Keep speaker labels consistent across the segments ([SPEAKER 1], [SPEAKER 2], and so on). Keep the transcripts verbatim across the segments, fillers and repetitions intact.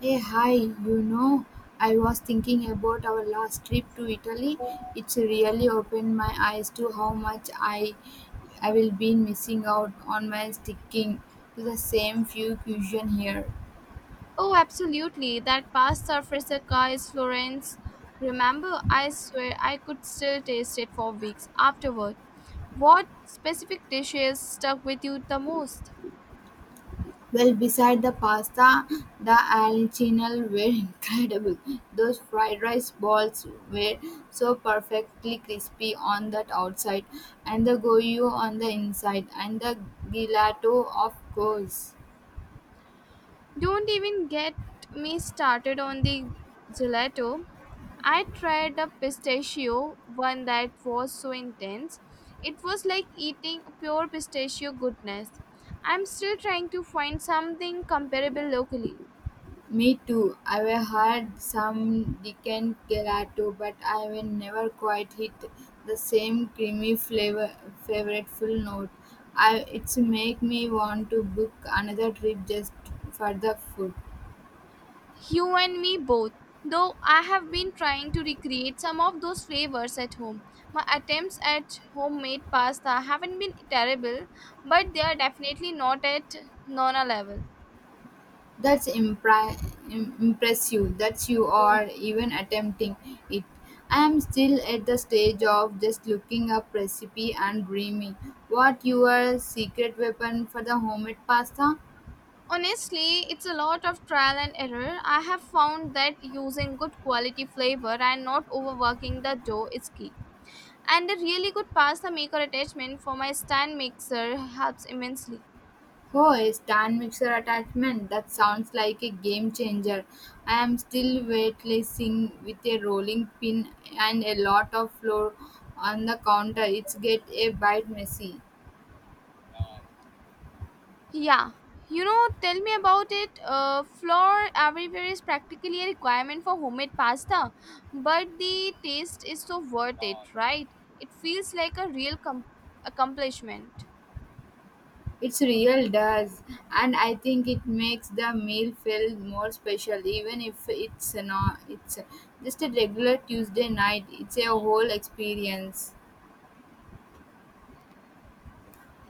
[SPEAKER 1] Hey hi, you know, I was thinking about our last trip to Italy. It's really opened my eyes to how much I I will be missing out on my sticking to the same few cuisine here.
[SPEAKER 2] Oh, absolutely. That pasta fresca is Florence. Remember, I swear I could still taste it for weeks afterward. What specific dishes stuck with you the most?
[SPEAKER 1] Well, beside the pasta, the alicinal were incredible. Those fried rice balls were so perfectly crispy on that outside, and the goyu on the inside, and the gelato, of course.
[SPEAKER 2] Don't even get me started on the gelato. I tried a pistachio one that was so intense. It was like eating pure pistachio goodness. I'm still trying to find something comparable locally.
[SPEAKER 1] Me too. I've had some Dickens gelato, but I've never quite hit the same creamy flavor, flavorful note. I, it's make me want to book another trip just for the food.
[SPEAKER 2] You and me both. Though I have been trying to recreate some of those flavors at home. My attempts at homemade pasta haven't been terrible, but they are definitely not at Nona level.
[SPEAKER 1] That's impri- im- impressive that you are even attempting it. I am still at the stage of just looking up recipe and dreaming. What your secret weapon for the homemade pasta?
[SPEAKER 2] Honestly, it's a lot of trial and error. I have found that using good quality flavor and not overworking the dough is key. And a really good pasta maker attachment for my stand mixer helps immensely.
[SPEAKER 1] Oh, a stand mixer attachment. That sounds like a game changer. I am still weightlessing with a rolling pin and a lot of flour on the counter. It's get a bit messy.
[SPEAKER 2] Yeah, you know, tell me about it. Uh, flour everywhere is practically a requirement for homemade pasta, but the taste is so worth it, right? It feels like a real com- accomplishment.
[SPEAKER 1] It's real does, and I think it makes the meal feel more special, even if it's not. It's just a regular Tuesday night. It's a whole experience.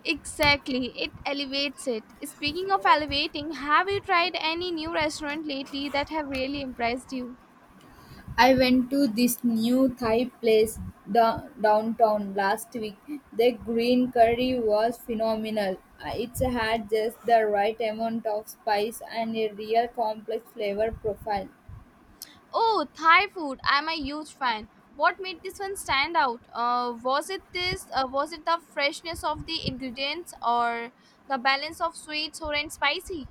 [SPEAKER 2] Exactly, it elevates it. Speaking of elevating, have you tried any new restaurant lately that have really impressed you?
[SPEAKER 1] I went to this new Thai place da- downtown last week. The green curry was phenomenal. Uh, It had just the right amount of spice and a real complex flavor profile.
[SPEAKER 2] Oh, Thai food! I'm a huge fan. What made this one stand out? Uh, was it this? Uh, was it the freshness of the ingredients or the balance of sweet, sour, and spicy?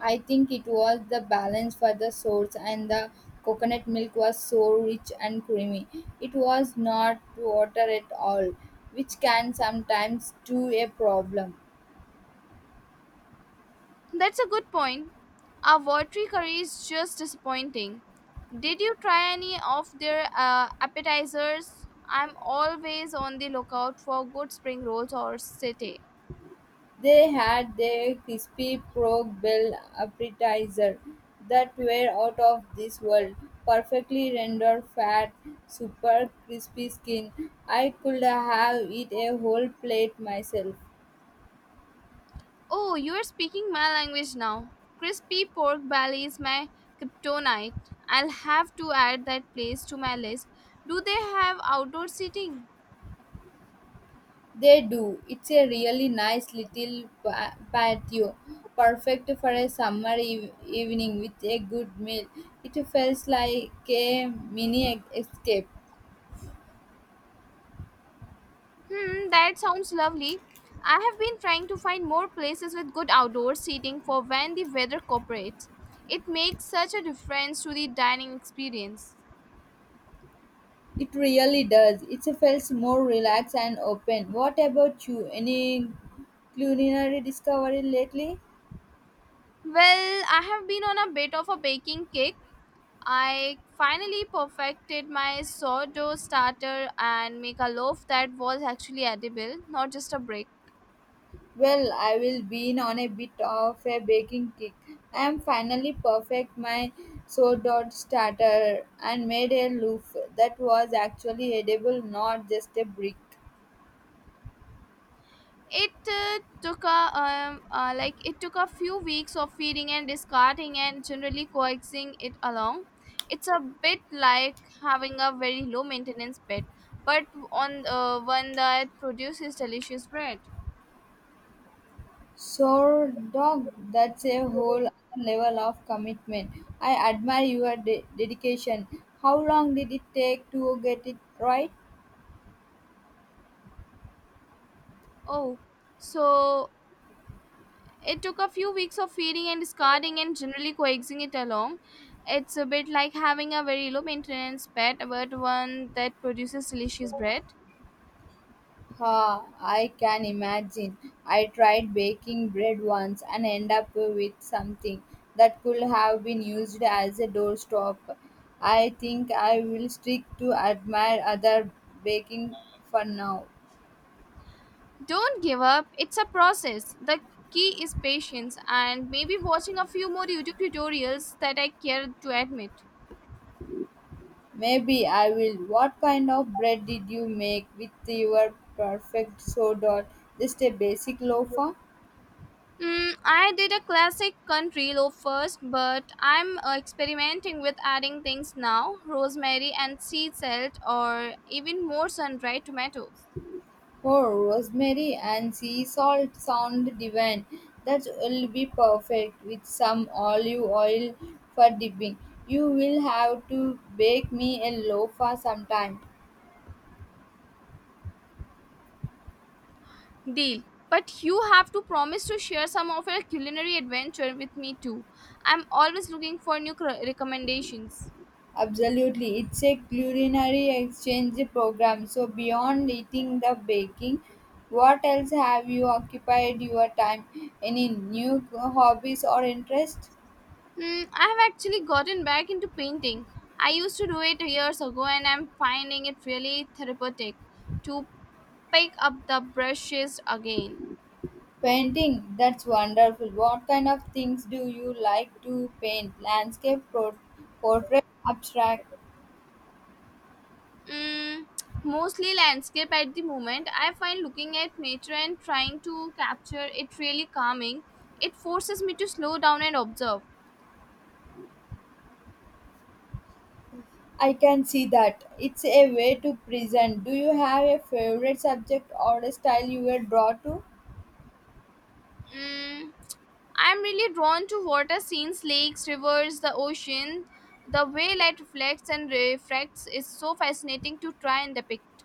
[SPEAKER 1] I think it was the balance for the source and the coconut milk was so rich and creamy. It was not water at all, which can sometimes do a problem.
[SPEAKER 2] That's a good point. Our watery curry is just disappointing. Did you try any of their uh, appetizers? I'm always on the lookout for good spring rolls or satay.
[SPEAKER 1] They had their crispy pork bell appetizers that were out of this world, perfectly rendered fat, super crispy skin. I could have eat a whole plate myself.
[SPEAKER 2] Oh, you are speaking my language now. Crispy pork belly is my kryptonite. I'll have to add that place to my list. Do they have outdoor seating?
[SPEAKER 1] They do. It's a really nice little pa- patio, perfect for a summer eve- evening with a good meal. It feels like a mini e-, escape.
[SPEAKER 2] Hmm, that sounds lovely. I have been trying to find more places with good outdoor seating for when the weather cooperates. It makes such a difference to the dining experience.
[SPEAKER 1] It really does. It feels more relaxed and open. What about you? Any culinary discovery lately?
[SPEAKER 2] Well, I have been on a bit of a baking kick. I finally perfected my sourdough starter and make a loaf that was actually edible, not just a break.
[SPEAKER 1] Well, I will be on a bit of a baking kick. I am finally perfect my sourdough starter and made a loaf that was actually edible, not just a brick.
[SPEAKER 2] It uh, took a um, uh, like it took a few weeks of feeding and discarding and generally coaxing it along. It's a bit like having a very low maintenance pet, but on uh, one that produces delicious bread.
[SPEAKER 1] Sourdough, that's a whole other level of commitment. I admire your de- dedication. How long did it take to get it right?
[SPEAKER 2] Oh, so it took a few weeks of feeding and discarding and generally coexisting it alone. It's a bit like having a very low maintenance pet, but one that produces delicious bread.
[SPEAKER 1] Ha, I can imagine. I tried baking bread once and end up with something that could have been used as a doorstop. I think I will stick to admire other baking for now.
[SPEAKER 2] Don't give up, it's a process. The key is patience and maybe watching a few more YouTube tutorials that I care to admit.
[SPEAKER 1] Maybe I will. What kind of bread did you make with your perfect sourdough? Just a basic loafer?
[SPEAKER 2] Mm, I did a classic country loaf first, but I'm uh, experimenting with adding things now rosemary and sea salt, or even more sun dried tomatoes.
[SPEAKER 1] Oh, rosemary and sea salt sound divine. That will be perfect with some olive oil for dipping. You will have to bake me a loafa sometime.
[SPEAKER 2] Deal. But you have to promise to share some of your culinary adventure with me too. I'm always looking for new cr- recommendations.
[SPEAKER 1] Absolutely, it's a culinary exchange program. So, beyond eating the baking, what else have you occupied your time? Any new hobbies or interests?
[SPEAKER 2] Hmm, I have actually gotten back into painting. I used to do it years ago and I'm finding it really therapeutic to pick up the brushes again.
[SPEAKER 1] Painting, that's wonderful. What kind of things do you like to paint? Landscape, pro- portrait, abstract.
[SPEAKER 2] Mm, mostly landscape at the moment. I find looking at nature and trying to capture it really calming. It forces me to slow down and observe.
[SPEAKER 1] I can see that. It's a way to present. Do you have a favorite subject or a style you will drawn to?
[SPEAKER 2] Mm, I'm really drawn to water scenes, lakes, rivers, the ocean. The way light reflects and refracts is so fascinating to try and depict.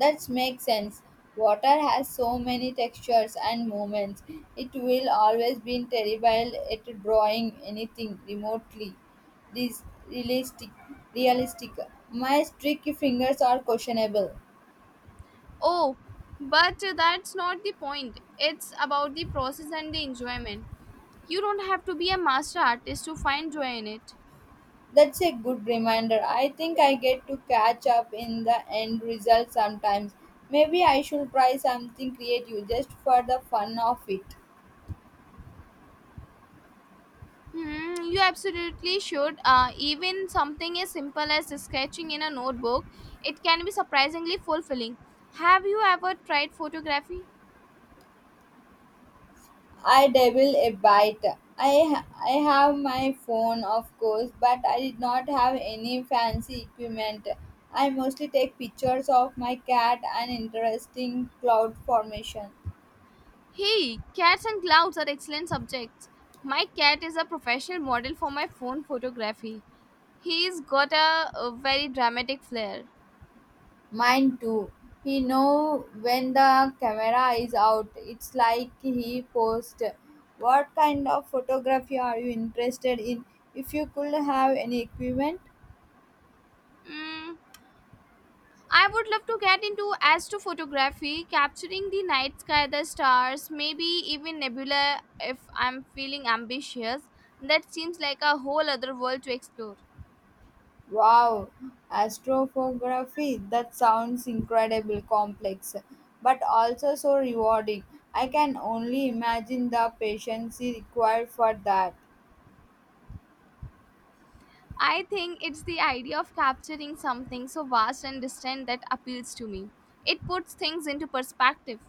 [SPEAKER 1] That makes sense. Water has so many textures and movements. It will always be terrible at drawing anything remotely this realistic. Realistic. My tricky fingers are questionable.
[SPEAKER 2] Oh, but that's not the point. It's about the process and the enjoyment. You don't have to be a master artist to find joy in it.
[SPEAKER 1] That's a good reminder. I think I get to catch up in the end result sometimes. Maybe I should try something creative just for the fun of it.
[SPEAKER 2] Hmm, you absolutely should. Uh, even something as simple as sketching in a notebook, it can be surprisingly fulfilling. Have you ever tried photography?
[SPEAKER 1] I dabble a bite. I ha- I have my phone, of course, but I did not have any fancy equipment. I mostly take pictures of my cat and interesting cloud formation.
[SPEAKER 2] Hey, cats and clouds are excellent subjects. My cat is a professional model for my phone photography. He's got a, a very dramatic flair.
[SPEAKER 1] Mine too. He know when the camera is out. It's like he post. What kind of photography are you interested in? If you could have any equipment,
[SPEAKER 2] Mm, I would love to get into astrophotography, capturing the night sky, the stars, maybe even nebula if I'm feeling ambitious. That seems like a whole other world to explore.
[SPEAKER 1] wow, astrophotography. That sounds incredible complex, but also so rewarding. I can only imagine the patience required for that.
[SPEAKER 2] I think it's the idea of capturing something so vast and distant that appeals to me. It puts things into perspective.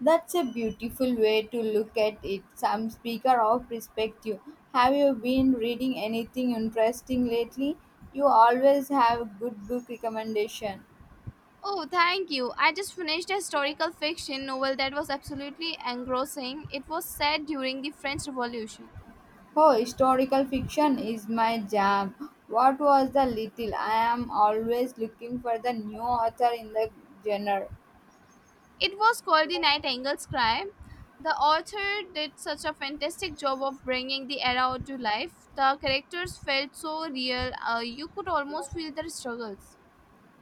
[SPEAKER 1] That's a beautiful way to look at it. Some speaker of perspective. Have you been reading anything interesting lately? You always have good book recommendation.
[SPEAKER 2] Oh, thank you. I just finished a historical fiction novel that was absolutely engrossing. It was set during the French Revolution.
[SPEAKER 1] Oh, historical fiction is my jam. What was the little? I am always looking for the new author in the genre.
[SPEAKER 2] It was called The Nightingale's Cry. The author did such a fantastic job of bringing the era to life. The characters felt so real, uh, you could almost feel their struggles.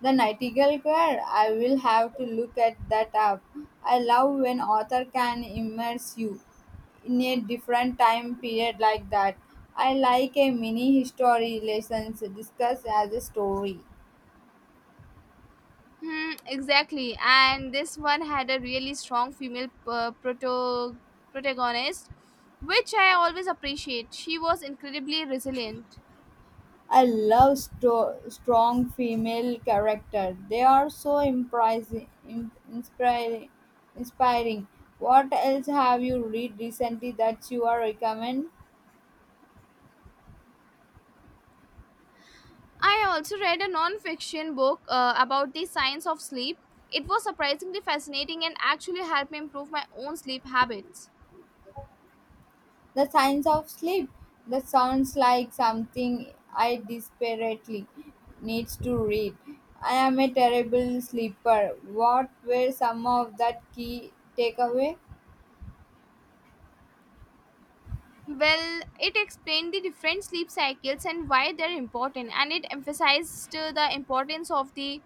[SPEAKER 1] The Nightingale Choir. I will have to look at that up. I love when author can immerse you in a different time period like that. I like a mini history lessons discussed as a story.
[SPEAKER 2] Hmm, exactly. And this one had a really strong female uh, proto- protagonist, which I always appreciate. She was incredibly resilient.
[SPEAKER 1] I love sto- strong female character. They are so impressive, inspiring. Inspiring. What else have you read recently that you are recommend?
[SPEAKER 2] I also read a non fiction book uh, about the science of sleep. It was surprisingly fascinating and actually helped me improve my own sleep habits.
[SPEAKER 1] The science of sleep. That sounds like something I desperately needs to read. I am a terrible sleeper. What were some of that key takeaway?
[SPEAKER 2] Well, it explained the different sleep cycles and why they're important, and it emphasized uh, the importance of the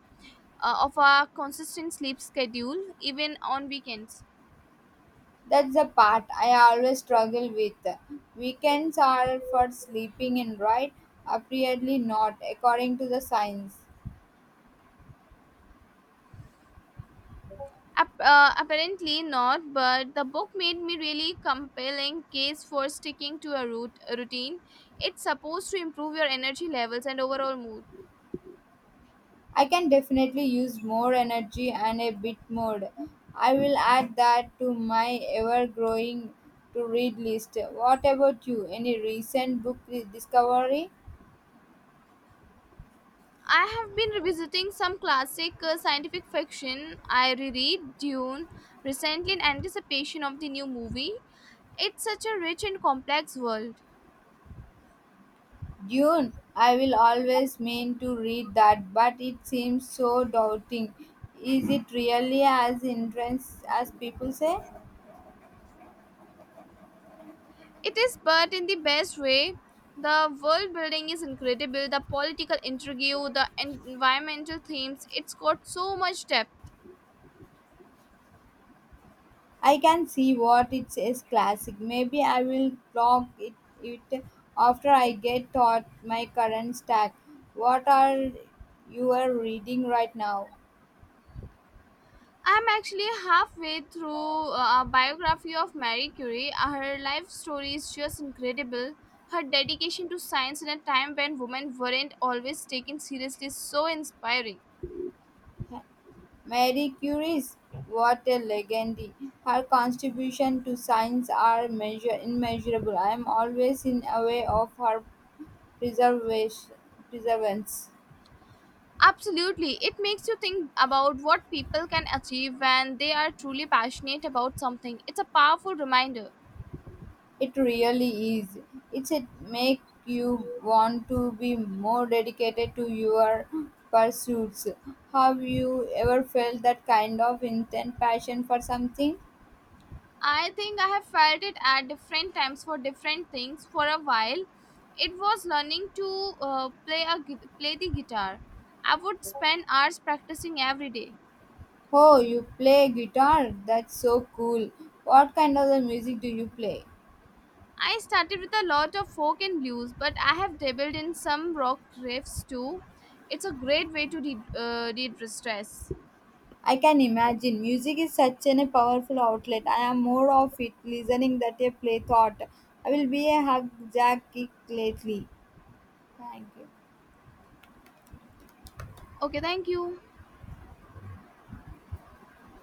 [SPEAKER 2] uh, of a consistent sleep schedule even on weekends.
[SPEAKER 1] That's the part I always struggle with. Weekends are for sleeping in, right? Apparently not, according to the science.
[SPEAKER 2] Ap- uh, apparently not, but the book made me really compelling case for sticking to a root- a routine. It's supposed to improve your energy levels and overall mood.
[SPEAKER 1] I can definitely use more energy and a bit more. I will add that to my ever growing to read list. What about you? Any recent book re- discovery?
[SPEAKER 2] I have been revisiting some classic uh, scientific fiction. I reread Dune recently in anticipation of the new movie. It's such a rich and complex world.
[SPEAKER 1] Dune. I will always mean to read that, but it seems so daunting. Is it really as intense as people say?
[SPEAKER 2] It is, but in the best way. The world building is incredible, the political intrigue, the environmental themes. It's got so much depth.
[SPEAKER 1] I can see what it is classic. Maybe I will blog it, it after I get taught my current stack. What are you are reading right now?
[SPEAKER 2] I'm actually halfway through uh, a biography of Marie Curie. Uh, Her life story is just incredible. Her dedication to science in a time when women weren't always taken seriously is so inspiring.
[SPEAKER 1] Mary Curie's what a legend. Her contribution to science are measure immeasurable. I am always in awe of her preservation preservance.
[SPEAKER 2] Absolutely. It makes you think about what people can achieve when they are truly passionate about something. It's a powerful reminder.
[SPEAKER 1] It really is. It's a make you want to be more dedicated to your pursuits. Have you ever felt that kind of intense passion for something?
[SPEAKER 2] I think I have felt it at different times for different things. For a while, it was learning to uh, play a gui- play the guitar. I would spend hours practicing every day.
[SPEAKER 1] Oh, you play guitar? That's so cool. What kind of the music do you play?
[SPEAKER 2] I started with a lot of folk and blues, but I have dabbled in some rock riffs too. It's a great way to de- uh, de-stress.
[SPEAKER 1] I can imagine. Music is such an, a powerful outlet. I am more of it listening that a play thought. I will be a hug jack kick lately. Thank you.
[SPEAKER 2] Okay, thank you.